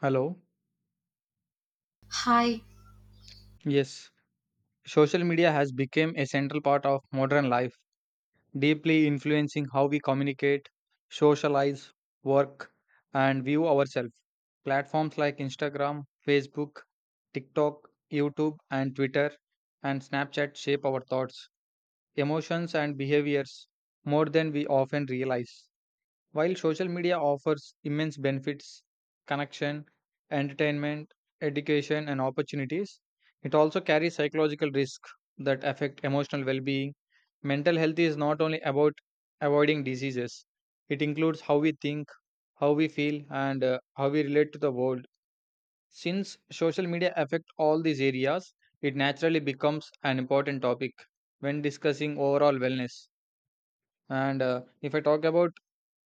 Hello. Hi, Yes, social media has become a central part of modern life, deeply influencing how we communicate, socialize, work, and view ourselves. Platforms like Instagram, Facebook, TikTok, YouTube, and Twitter and Snapchat shape our thoughts, emotions, and behaviors more than we often realize. While social media offers immense benefits, connection, entertainment, education, and opportunities, it also carries psychological risks that affect emotional well being. Mental health is not only about avoiding diseases, it includes how we think, how we feel, and how we relate to the world. Since social media affect all these areas, it naturally becomes an important topic when discussing overall wellness. And If I talk about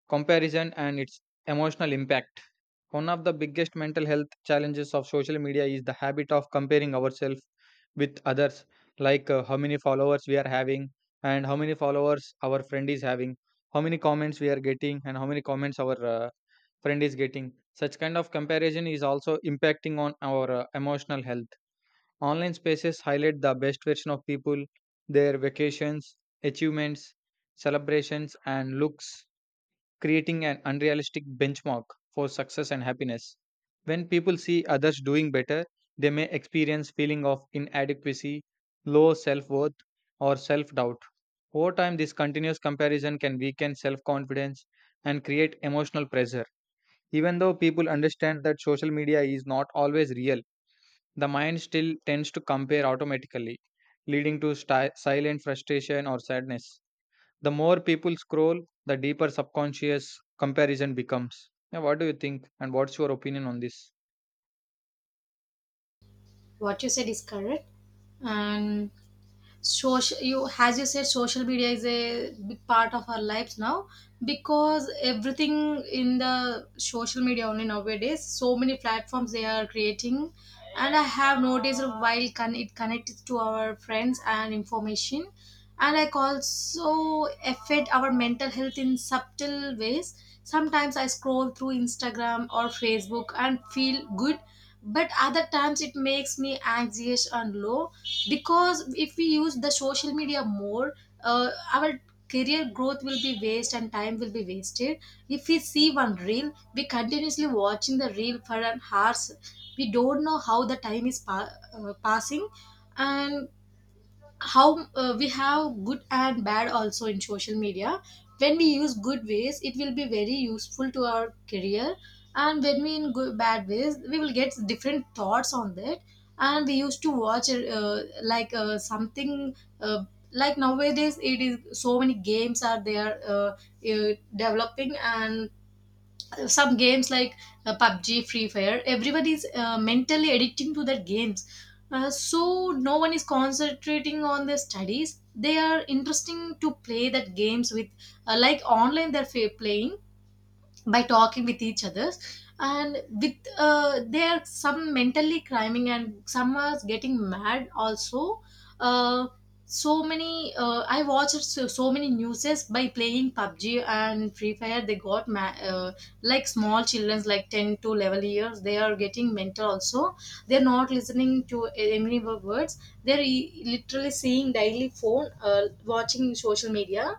comparison and its emotional impact. One of the biggest mental health challenges of social media is the habit of comparing ourselves with others, like, how many followers we are having, and how many followers our friend is having, how many comments we are getting, and how many comments our friend is getting. Such kind of comparison is also impacting on our emotional health. Online spaces highlight the best version of people, their vacations, achievements, celebrations, and looks creating an unrealistic benchmark for success and happiness. When people see others doing better, they may experience feeling of inadequacy, low self-worth or self-doubt. Over time, this continuous comparison can weaken self-confidence and create emotional pressure. Even though people understand that social media is not always real, the mind still tends to compare automatically, leading to silent frustration or sadness. The more people scroll, the deeper subconscious comparison becomes. Yeah, what do you think? And what's your opinion on this? what you said is correct. And social, you as you said, social media is a big part of our lives now because everything in the social media only nowadays. So many platforms they are creating, and I have noticed it connects to our friends and information, and I also affect our mental health in subtle ways. Sometimes I scroll through Instagram or Facebook and feel good but other times it makes me anxious and low because if we use the social media more, our career growth will be waste and time will be wasted if we see one reel we continuously watching the reel for an hours. We don't know how the time is passing. And how, we have good and bad also in social media. When we use good ways it will be very useful to our career, and when we in good, bad ways we will get different thoughts on that. And we used to watch like, something, uh, like nowadays it is so many games are there, developing. And some games like, PUBG, Free Fire, everybody is mentally addicting to that games. So no one is concentrating on their studies. They are interesting to play that games with, like online they're playing by talking with each others. And with, they are some mentally criming and some are getting mad also. uh, so many, I watched so many newses by playing PUBG and Free Fire they got like small children like 10 to 11 years they are getting mental also. They're not listening to any words. They're literally seeing daily phone, watching social media.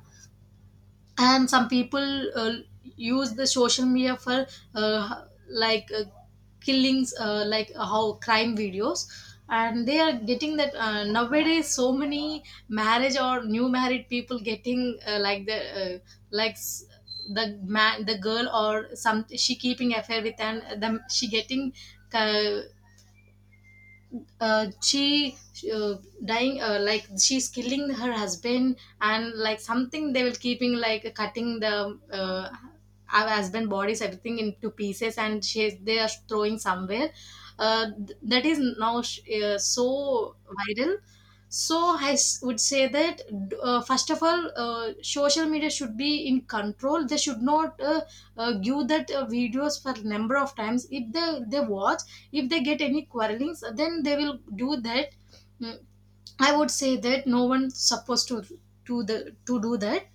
And some people, use the social media for, like, killings, like, how crime videos. And they are getting that. Nowadays so many marriage or new married people getting, like the, like the man the girl or some she keeping affair with and the, she getting, uh, she, uh, dying, like she's killing her husband and like something they will keeping like cutting the, our husband bodies everything into pieces and she they are throwing somewhere. That is now so viral. So I would say that, first of all, social media should be in control. They should not, give that, videos for number of times if they watch. If they get any quarrelings then they will do that. Mm, I would say that no one's supposed to the, to do that.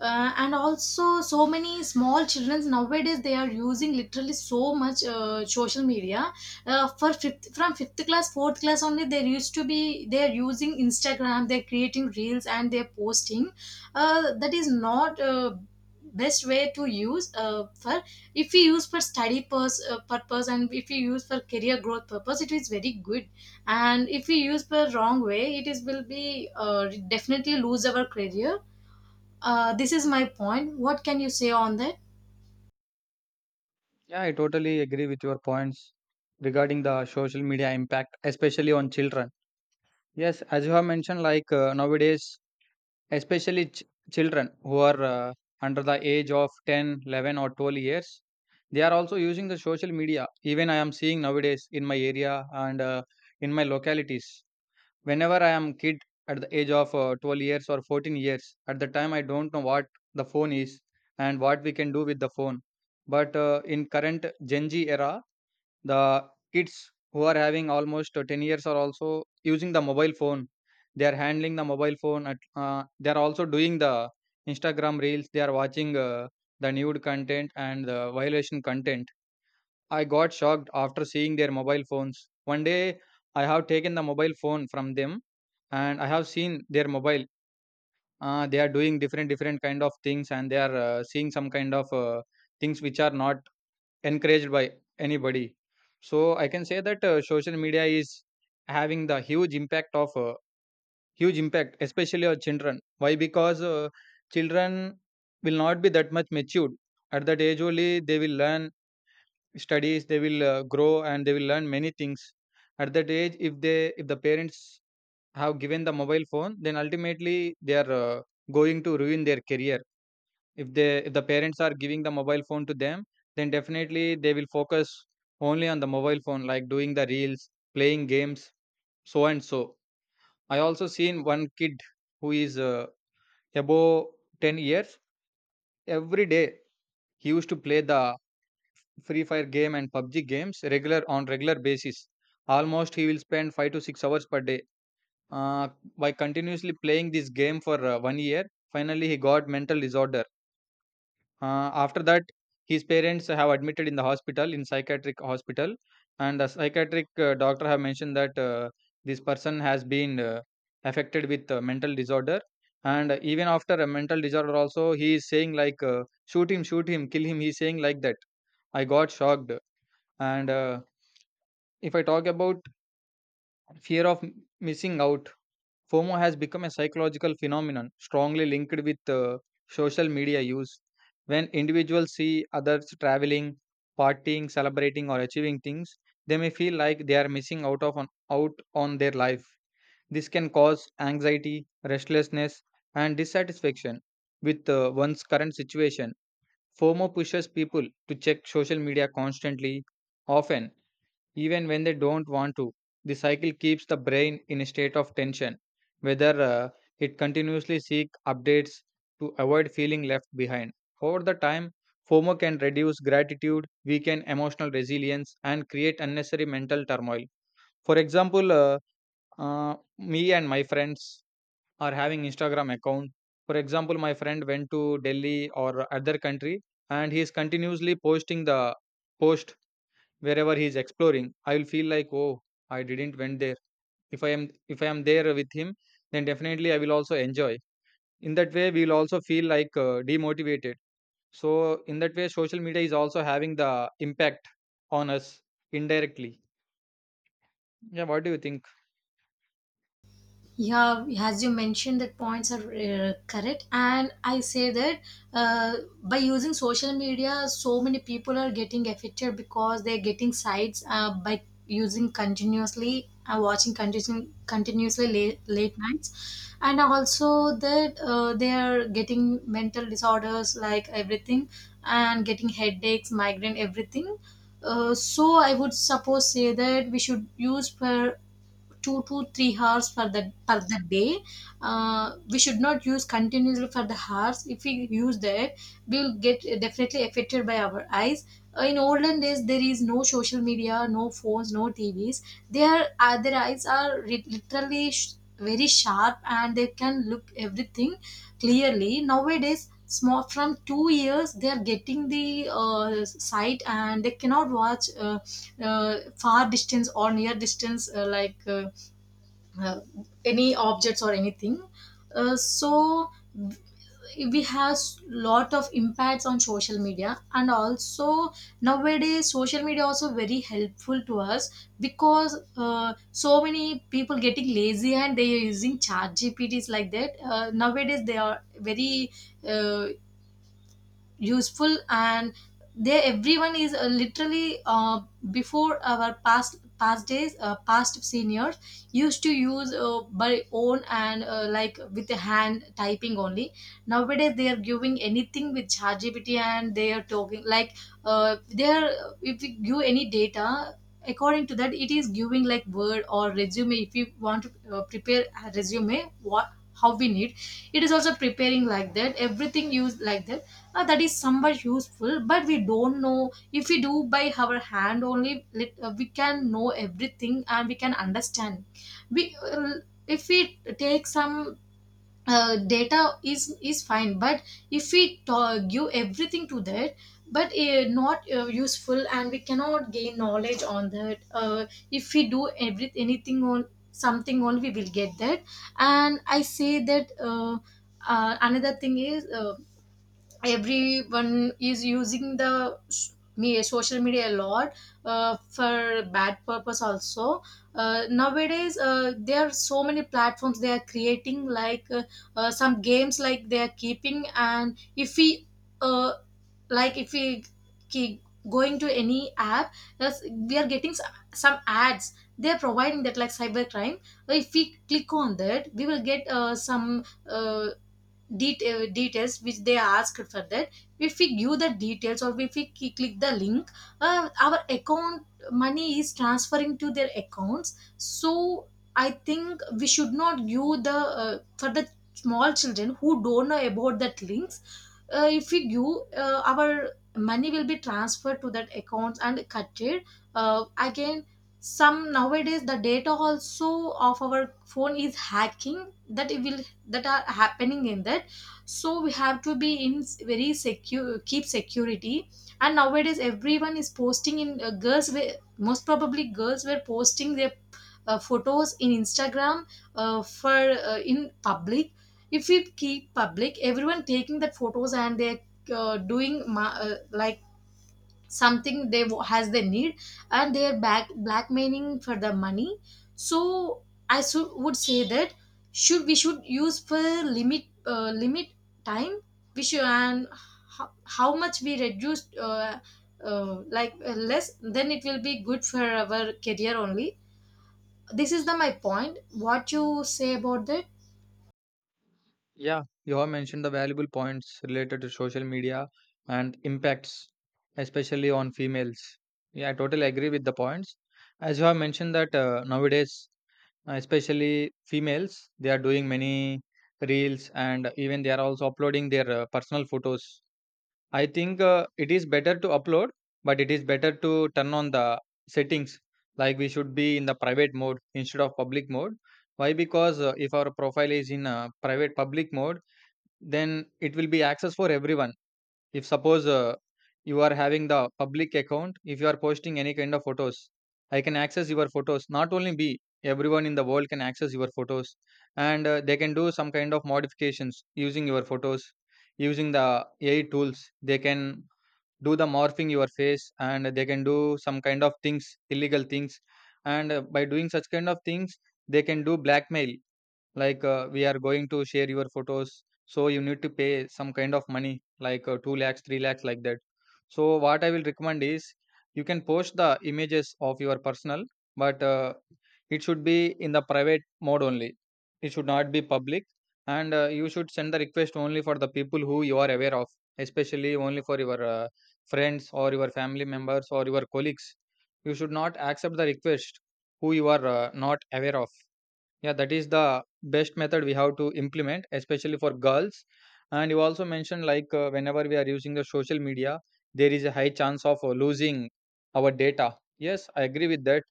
And also so many small children nowadays they are using literally so much, social media, for from fifth class fourth class only they used to be they are using Instagram, they're creating reels and they're posting. That is not, best way to use, for, if we use for study purpose and if we use for career growth purpose it is very good. And if we use for wrong way it is will be, definitely lose our career. This is my point. What can you say on that? Yeah, I totally agree with your points regarding the social media impact, especially on children. Yes, as you have mentioned, like, nowadays, especially children who are under the age of 10, 11, or 12 years, they are also using the social media. Even I am seeing nowadays in my area and in my localities. Whenever I am kid at the age of 12 years or 14 years, at the time I don't know what the phone is and what we can do with the phone, but in current Gen Z era, the kids who are having almost 10 years are also using the mobile phone. They are handling the mobile phone at, they are also doing the Instagram reels, they are watching the nude content and the violation content. I got shocked after seeing their mobile phones. One day, I have taken the mobile phone from them, and I have seen their mobile. They are doing different different kind of things, and they are seeing some kind of things which are not encouraged by anybody. So I can say that social media is having the huge impact of huge impact, especially on children. Why? Because children will not be that much matured at that age only. They will learn studies, they will grow and they will learn many things at that age. If the parents have given the mobile phone, then ultimately they are going to ruin their career. If the parents are giving the mobile phone to them, then definitely they will focus only on the mobile phone, like doing the reels, playing games, so and so. I also seen one kid who is above 10 years. Every day he used to play the Free Fire game and PUBG games regular on regular basis. Almost he will spend 5 to 6 hours per day. Uh, by continuously playing this game for one year, finally he got mental disorder. After that, his parents have admitted in the hospital in psychiatric hospital, and the psychiatric doctor have mentioned that this person has been affected with mental disorder. And even after a mental disorder, also he is saying like, shoot him, kill him." He's saying like that. I got shocked and if I talk about fear of missing out, FOMO has become a psychological phenomenon strongly linked with social media use. When individuals see others traveling, partying, celebrating, or achieving things, they may feel like they are missing out on their life. This can cause anxiety, restlessness, and dissatisfaction with one's current situation. FOMO pushes people to check social media constantly, often even when they don't want to. The cycle keeps the brain in a state of tension, whether it continuously seek updates to avoid feeling left behind. Over the time, FOMO can reduce gratitude, weaken emotional resilience, and create unnecessary mental turmoil. For example, me and my friends are having Instagram account. For example, my friend went to Delhi or other country, and he is continuously posting the post wherever he is exploring. I will feel like, oh, I didn't went there. If i am if I am there with him, then definitely I will also enjoy. In that way we will also feel like demotivated. So in that way social media is also having the impact on us indirectly. Yeah, what do you think? Yeah, as you mentioned, that points are correct, and I say that, uh, by using social media, so many people are getting affected because they're getting sites, by using continuously, watching continuously late, late nights, and also that, they are getting mental disorders like everything, and getting headaches, migraine, everything. So I would suppose say that we should use for 2 to 3 hours for the per the day. We should not use continuously for the hours. If we use that we will get definitely affected by our eyes. In olden days there is no social media, no phones, no TVs. Their, their eyes are literally very sharp and they can look everything clearly. Nowadays small from 2 years they are getting the, uh, sight and they cannot watch, uh, far distance or near distance, like, uh, any objects or anything. So we have lot of impacts on social media. And also nowadays social media also very helpful to us because, so many people getting lazy and they are using chat GPTs like that. Nowadays they are very, uh, useful. And there everyone is, literally, before our past days, past seniors used to use, by own and, like with the hand typing only. Nowadays they are giving anything with ChatGPT and they are talking like, they are, if you give any data according to that it is giving like word or resume. If you want to, prepare a resume what how we need, it is also preparing like that everything used like that. That is somewhat useful but we don't know. If we do by our hand only we can know everything and we can understand. We If we take some, data is fine. But if we give everything to that, but, not, useful and we cannot gain knowledge on that. If we do every anything on something only we will get that. And I say that, another thing is, everyone is using the s- me social media a lot, for bad purpose also. Nowadays, there are so many platforms they are creating like, some games like they are keeping. And if we, uh, like if we keep going to any app, yes, we are getting, some ads they are providing that like cybercrime. If we click on that we will get, some, details which they asked for that. If we give the details or if we click the link, our account money is transferring to their accounts. So I think we should not give the, for the small children who don't know about that links. If we give, our money will be transferred to that accounts and cut it. Again some nowadays the data also of our phone is hacking that it will, that are happening in that. So we have to be in very secure, keep security. And nowadays everyone is posting in, girls were, most probably girls were posting their, photos in Instagram, for, in public. If we keep public everyone taking that photos and they're, doing like something they wa- has they need. And they're back blackmailing for the money. So I would say that should we should use for limit, limit time we should. And how much we reduce, like, less then it will be good for our career only. This is the my point. What you say about that? Yeah, you have mentioned the valuable points related to social media and impacts, especially on females. Yeah, I totally agree with the points. As you have mentioned that nowadays, especially females, they are doing many reels and even they are also uploading their personal photos. I think it is better to upload, but it is better to turn on the settings, like we should be in the private mode instead of public mode. Why? Because if our profile is in private public mode, then it will be access for everyone. If suppose you are having the public account, if you are posting any kind of photos, I can access your photos, not only be everyone in the world can access your photos. And they can do some kind of modifications using your photos, using the AI tools they can do the morphing your face, and they can do some kind of things, illegal things. And by doing such kind of things, they can do blackmail like, we are going to share your photos, so you need to pay some kind of money, like 2 lakhs, 3 lakhs, like that. So, what I will recommend is you can post the images of your personal, but it should be in the private mode only. It should not be public, and you should send the request only for the people who you are aware of, especially only for your friends or your family members or your colleagues. You should not accept the request who you are not aware of. Yeah, that is the best method we have to implement, especially for girls. And you also mentioned like whenever we are using the social media, there is a high chance of losing our data. Yes, I agree with that.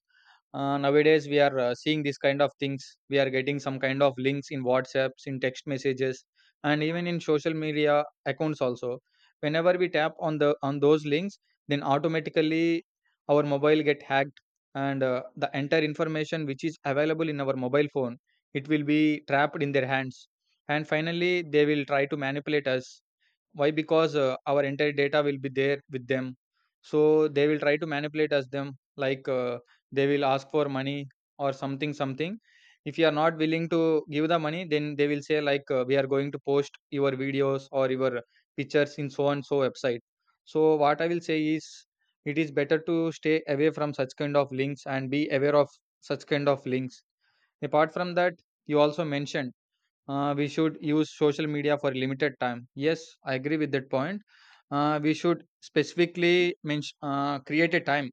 Uh, nowadays we are seeing this kind of things, we are getting some kind of links in whatsapps, in text messages, and even in social media accounts also. Whenever we tap on the on those links, then automatically our mobile get hacked, and the entire information which is available in our mobile phone, it will be trapped in their hands, and finally they will try to manipulate us. Why? Because our entire data will be there with them. So they will try to manipulate us them like, they will ask for money or something something. If you are not willing to give the money, then they will say like, we are going to post your videos or your pictures in so and so website. So what I will say is it is better to stay away from such kind of links and be aware of such kind of links. Apart from that, you also mentioned we should use social media for a limited time. Yes, I agree with that point. Uh, we should specifically mention, create a time.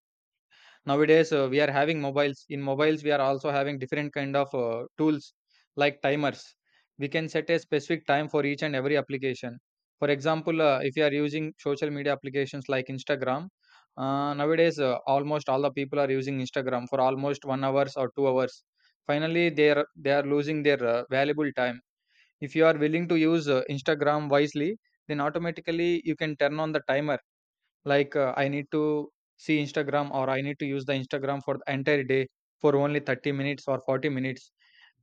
Nowadays we are having mobiles, in mobiles we are also having different kind of tools like timers. We can set a specific time for each and every application. For example, if you are using social media applications like Instagram, nowadays almost all the people are using Instagram for almost 1 hours or 2 hours, finally they are losing their valuable time. If you are willing to use Instagram wisely, then automatically you can turn on the timer, like I need to see Instagram or I need to use the Instagram for the entire day for only 30 minutes or 40 minutes.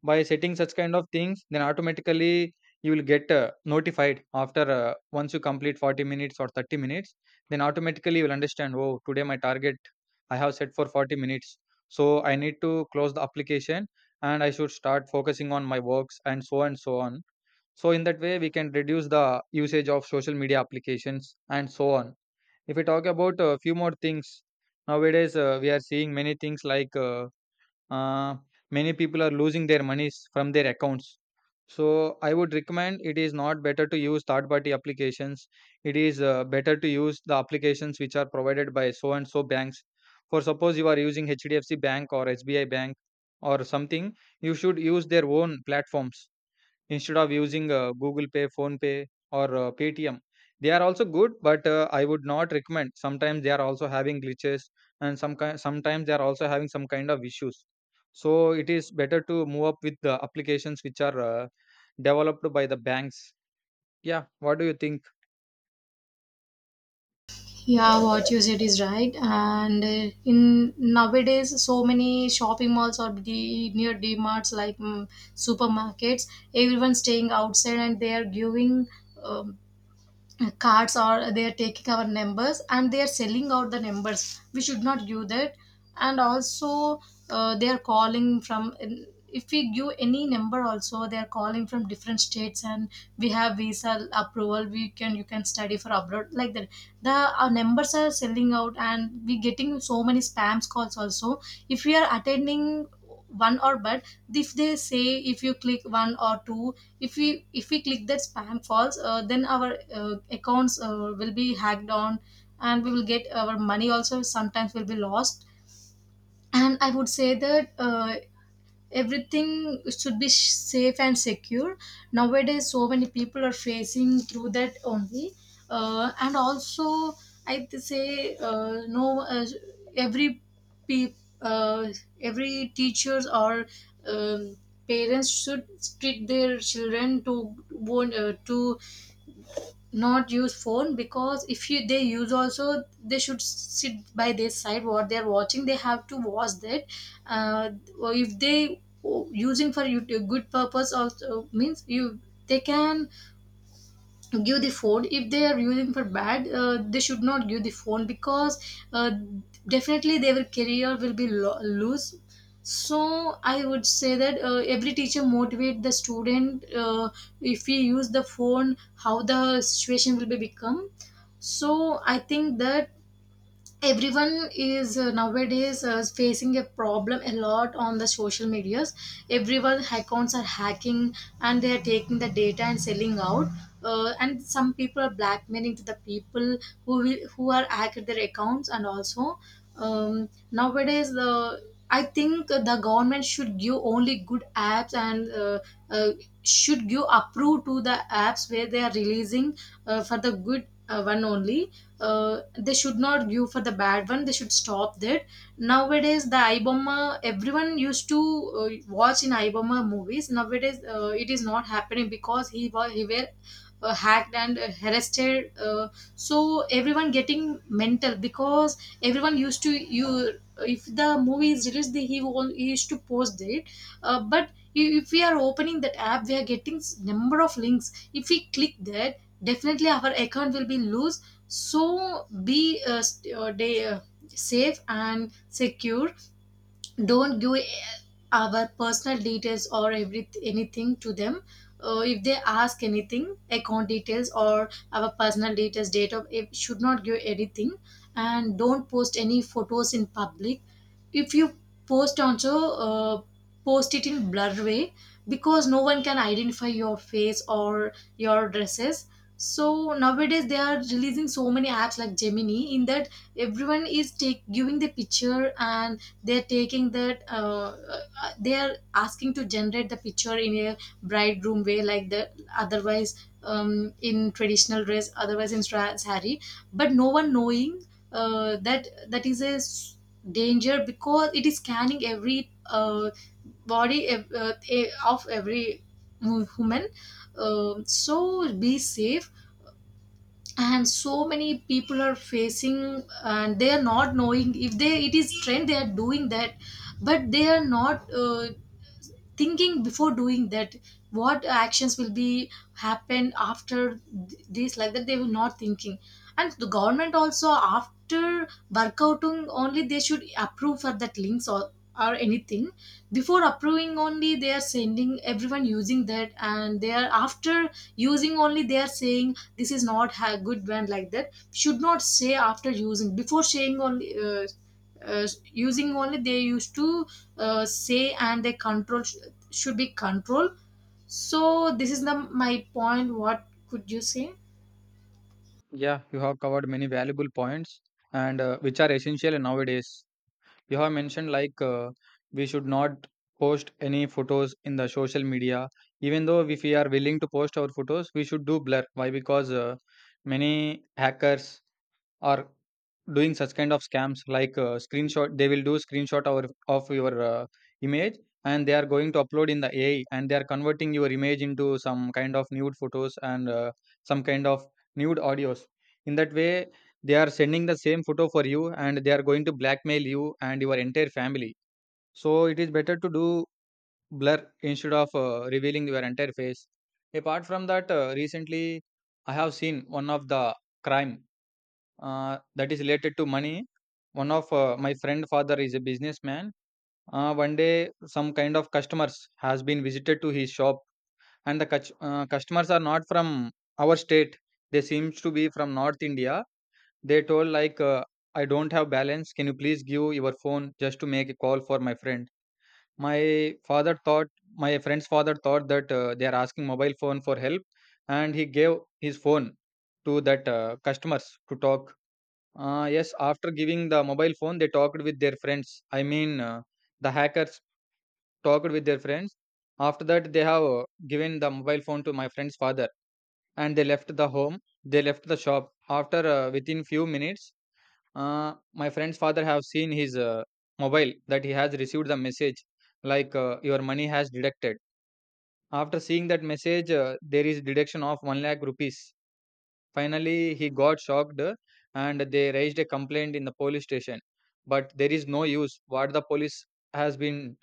By setting such kind of things, then automatically you will get notified. After once you complete 40 minutes or 30 minutes Then automatically you will understand, oh today my target I have set for 40 minutes, so I need to close the application, and I should start focusing on my works and so on. So in that way, we can reduce the usage of social media applications and so on. If we talk about a few more things, nowadays we are seeing many things uh, many people are losing their monies from their accounts. So I would recommend it is not better to use third-party applications. It is better to use the applications which are provided by so and so banks. For suppose you are using HDFC Bank or SBI Bank or something, you should use their own platforms instead of using google pay, phone pay, or paytm. They are also good, but I would not recommend. Sometimes they are also having glitches, and some kind sometimes they are also having some kind of issues. So it is better to move up with the applications which are developed by the banks. Yeah, what do you think? Yeah, what you said is right. And, in nowadays, so many shopping malls or near DMarts like mm, supermarkets, everyone staying outside and they are giving, um, cards or they are taking our numbers and they are selling out the numbers. We should not give that. And also, they are calling from, if we give any number also they are calling from different states and we have visa approval we can you can study for abroad like that. The Our numbers are selling out and we getting so many spams calls also. If we are attending one or but if they say, if you click one or two, if we click that spam false, then our, accounts, will be hacked on and we will get our money also sometimes will be lost. And I would say that, everything should be safe and secure. Nowadays so many people are facing through that only. And also I say, no, every, pe- uh, every teachers or, um, parents should treat their children to want, to not use phone. Because if you they use also they should sit by their side. What they're watching they have to watch that. uh, or if they using for a good purpose also means you they can give the phone. If they are using for bad, they should not give the phone because, uh, definitely their career will be loose. So I would say that, every teacher motivate the student, if we use the phone how the situation will be become. So I think that everyone is, nowadays, facing a problem a lot on the social medias. Everyone accounts are hacking and they are taking the data and selling out. And some people are blackmailing to the people who are hacked their accounts. And also, nowadays the I think the government should give only good apps and uh, should give approve to the apps where they are releasing, for the good one only. They should not give for the bad one, they should stop that. Nowadays the ibomma, everyone used to watch in ibomma movies. Nowadays it is not happening because he were hacked and arrested. So everyone getting mental because everyone used to you, if the movie is released he used to post it. But if we are opening that app we are getting number of links. If we click that, definitely our account will be loose. So be safe and secure. Don't give our personal details or every anything to them. If they ask anything, account details or our personal details, date of, it should not give anything. And don't post any photos in public. If you post also, uh, post it in blur way, because no one can identify your face or your dresses. So nowadays they are releasing so many apps like Gemini. In that, everyone is take giving the picture, and they're taking that. They're asking to generate the picture in a bridegroom way, like the, otherwise in traditional dress, otherwise in sari. But no one knowing that that is a danger, because it is scanning every body of every woman. So be safe. And so many people are facing, and they are not knowing. If they, it is trend, they are doing that. But they are not thinking before doing that what actions will be happen after this. Like that, they will not thinking. And the government also, after workouting only, they should approve for that links or anything. Before approving only, they are sending everyone using that. And they are after using only, they are saying this is not a good brand. Like that, should not say. After using, before saying only, using only they used to say. And they control should be control. So this is the my point, what could you say? Yeah, you have covered many valuable points, and which are essential nowadays. You have mentioned we should not post any photos in the social media. Even though if we are willing to post our photos, we should do blur. Why? Because many hackers or doing such kind of scams like screenshot. They will do screenshot of your image, and they are going to upload in the AI, and they are converting your image into some kind of nude photos and some kind of nude audios. In that way, they are sending the same photo for you, and they are going to blackmail you and your entire family. So it is better to do blur instead of revealing your entire face. Apart from that, recently I have seen one of the crime that is related to money. One of my friend father is a businessman. One day, some kind of customers has been visited to his shop, and the customers are not from our state. They seems to be from North India. They told like, "I don't have balance. Can you please give your phone just to make a call for my friend?" My father thought, my friend's father thought that they are asking mobile phone for help, and he gave his phone to that customers to talk. Yes, after giving the mobile phone, they talked with their friends. I mean, the hackers talked with their friends. After that, they have given the mobile phone to my friend's father, and they left the home. They left the shop. After Within few minutes, my friend's father have seen his mobile that he has received the message like your money has deducted. After seeing that message, there is deduction of one lakh rupees. Finally, he got shocked, and they raised a complaint in the police station. But there is no use. What the police has been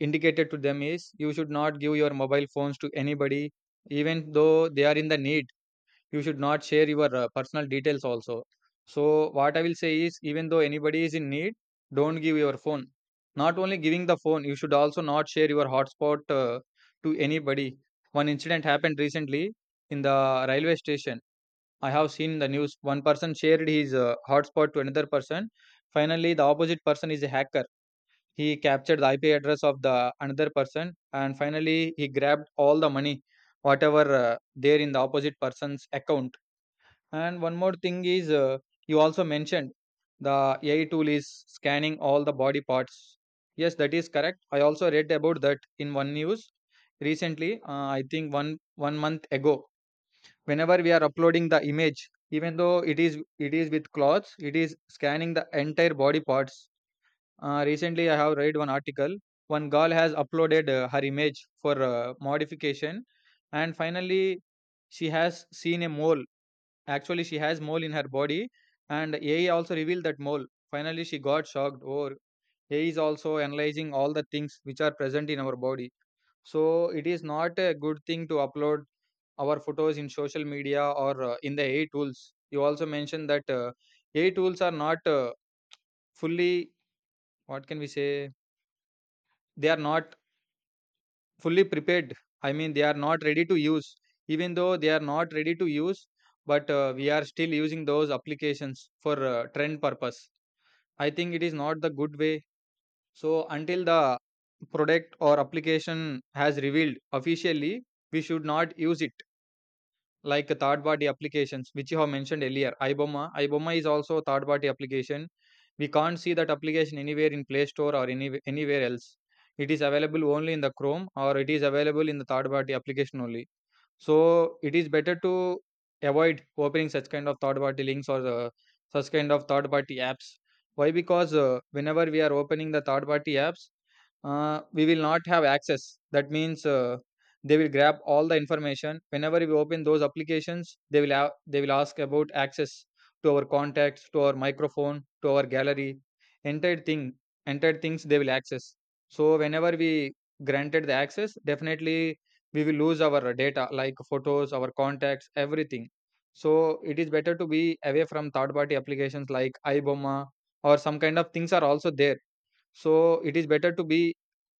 indicated to them is you should not give your mobile phones to anybody, even though they are in the need. You should not share your personal details also. So, what I will say is, even though anybody is in need, don't give your phone. Not only giving the phone, you should also not share your hotspot to anybody. One incident happened recently in the railway station. I have seen the news. One person shared his hotspot to another person. Finally, the opposite person is a hacker. He captured the IP address of the another person, and finally, he grabbed all the money, whatever there in the opposite person's account. And one more thing is, you also mentioned the AI tool is scanning all the body parts. Yes, that is correct. I also read about that in one news recently. I think one month ago, whenever we are uploading the image, even though it is with clothes, it is scanning the entire body parts. Recently I have read one article. One girl has uploaded her image for modification, and finally she has seen a mole. Actually she has mole in her body, and AI also revealed that mole. Finally she got shocked. Or AI is also analyzing all the things which are present in our body. So it is not a good thing to upload our photos in social media or in the AI tools. You also mentioned that AI tools are not fully, what can we say, they are not fully prepared. I mean, they are not ready to use. Even though they are not ready to use, but we are still using those applications for trend purpose. I think it is not the good way. So, until the product or application has revealed officially, we should not use it. Like a third party applications, which you have mentioned earlier, iBoma, iBoma is also a third party application. We can't see that application anywhere in Play Store or anywhere else. It is available only in the Chrome, or it is available in the third party application only. So it is better to avoid opening such kind of third party links or such kind of third party apps. Why? Because whenever we are opening the third party apps, we will not have access. That means they will grab all the information. Whenever we open those applications, they will ask about access to our contacts, to our microphone, to our gallery. entire thing Entire things they will access. So whenever we granted the access, definitely we will lose our data like photos, our contacts, everything. So it is better to be away from third party applications like iboma, or some kind of things are also there. So it is better to be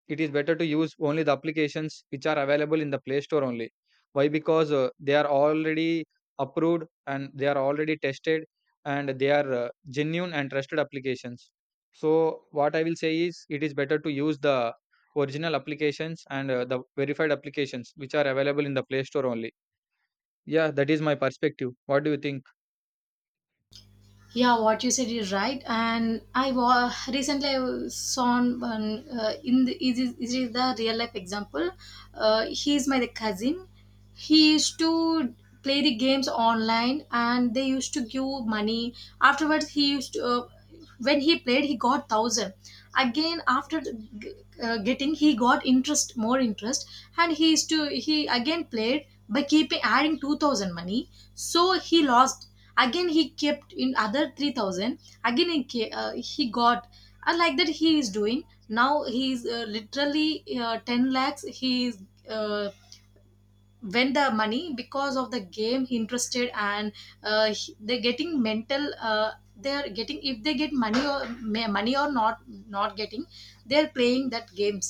it is better to use only the applications which are available in the Play Store only. Why? Because they are already approved and they are already tested, and they are genuine and trusted applications. So, what I will say is it is better to use the original applications and the verified applications which are available in the Play Store only. Yeah, that is my perspective. What do you think? Yeah, what you said is right. And recently I saw on one, in the, it is the real life example. He is my cousin. He used to play the games online, and they used to give money. Afterwards he used to, when he played he got 1000. Again after the getting, he got interest, more interest. And he is to he again played by keeping adding 2000 money. So he lost. Again he kept in other 3000. Again he got. And like that he is doing. Now he is literally 10 lakhs he is uh, win the money because of the game interested. And they're getting mental. They're getting, if they get money or money or not, not getting, they're playing that games.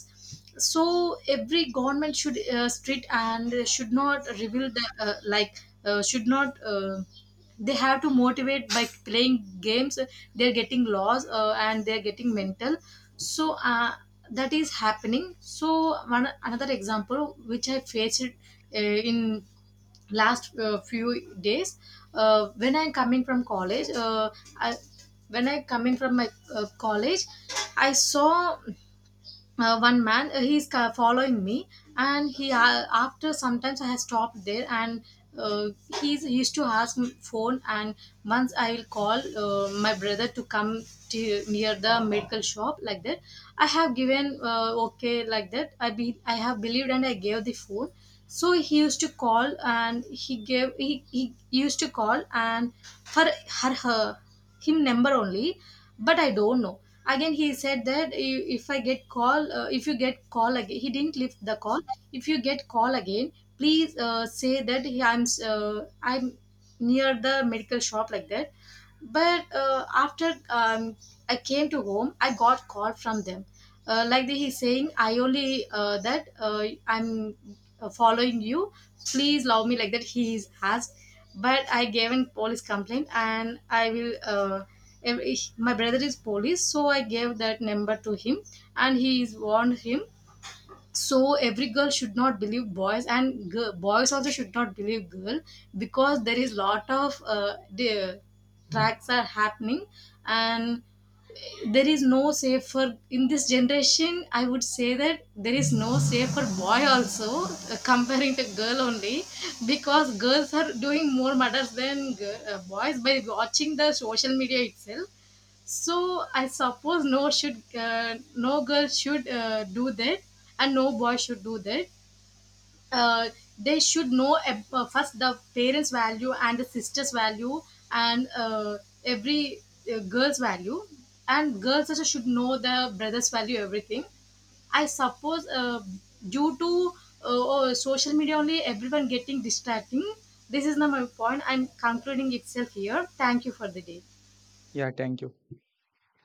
So every government should strict, and should not reveal the, like should not, they have to motivate. By playing games, they're getting laws, and they're getting mental. So that is happening. So one another example which I faced, in last few days, when I'm coming from college, I, when I coming from my college, I saw one man. He's following me. And he, after sometimes, I have stopped there. And uh, he's, he used to ask me phone, and once I will call my brother to come to near the medical shop, like that. I have given okay, like that. I have believed, and I gave the phone. So he used to call. And he gave, he used to call, and her, her him number only. But I don't know. Again he said that, if you get call, again he didn't lift the call. If you get call again, please say that I'm near the medical shop, like that. But after I came to home, I got call from them. Like they, he's saying I only, that I'm following you, please love me, like that he's asked. But I gave in police complaint, and I will, my brother is police, so I gave that number to him, and he is warned him. So every girl should not believe boys, and boys also should not believe girl. Because there is lot of the tracks are happening. And there is no safer in this generation. I would say that there is no safer boy also comparing to girl only. Because girls are doing more murders than boys, by watching the social media itself. So I suppose no should, no girl should do that, and no boy should do that. Uh, they should know first the parents' value and the sisters' value, and every girl's value, and girls also should know the brothers' value, everything. I suppose due to social media only, everyone getting distracting. This is not my point, I'm concluding itself here. Thank you for the day. Yeah, thank you.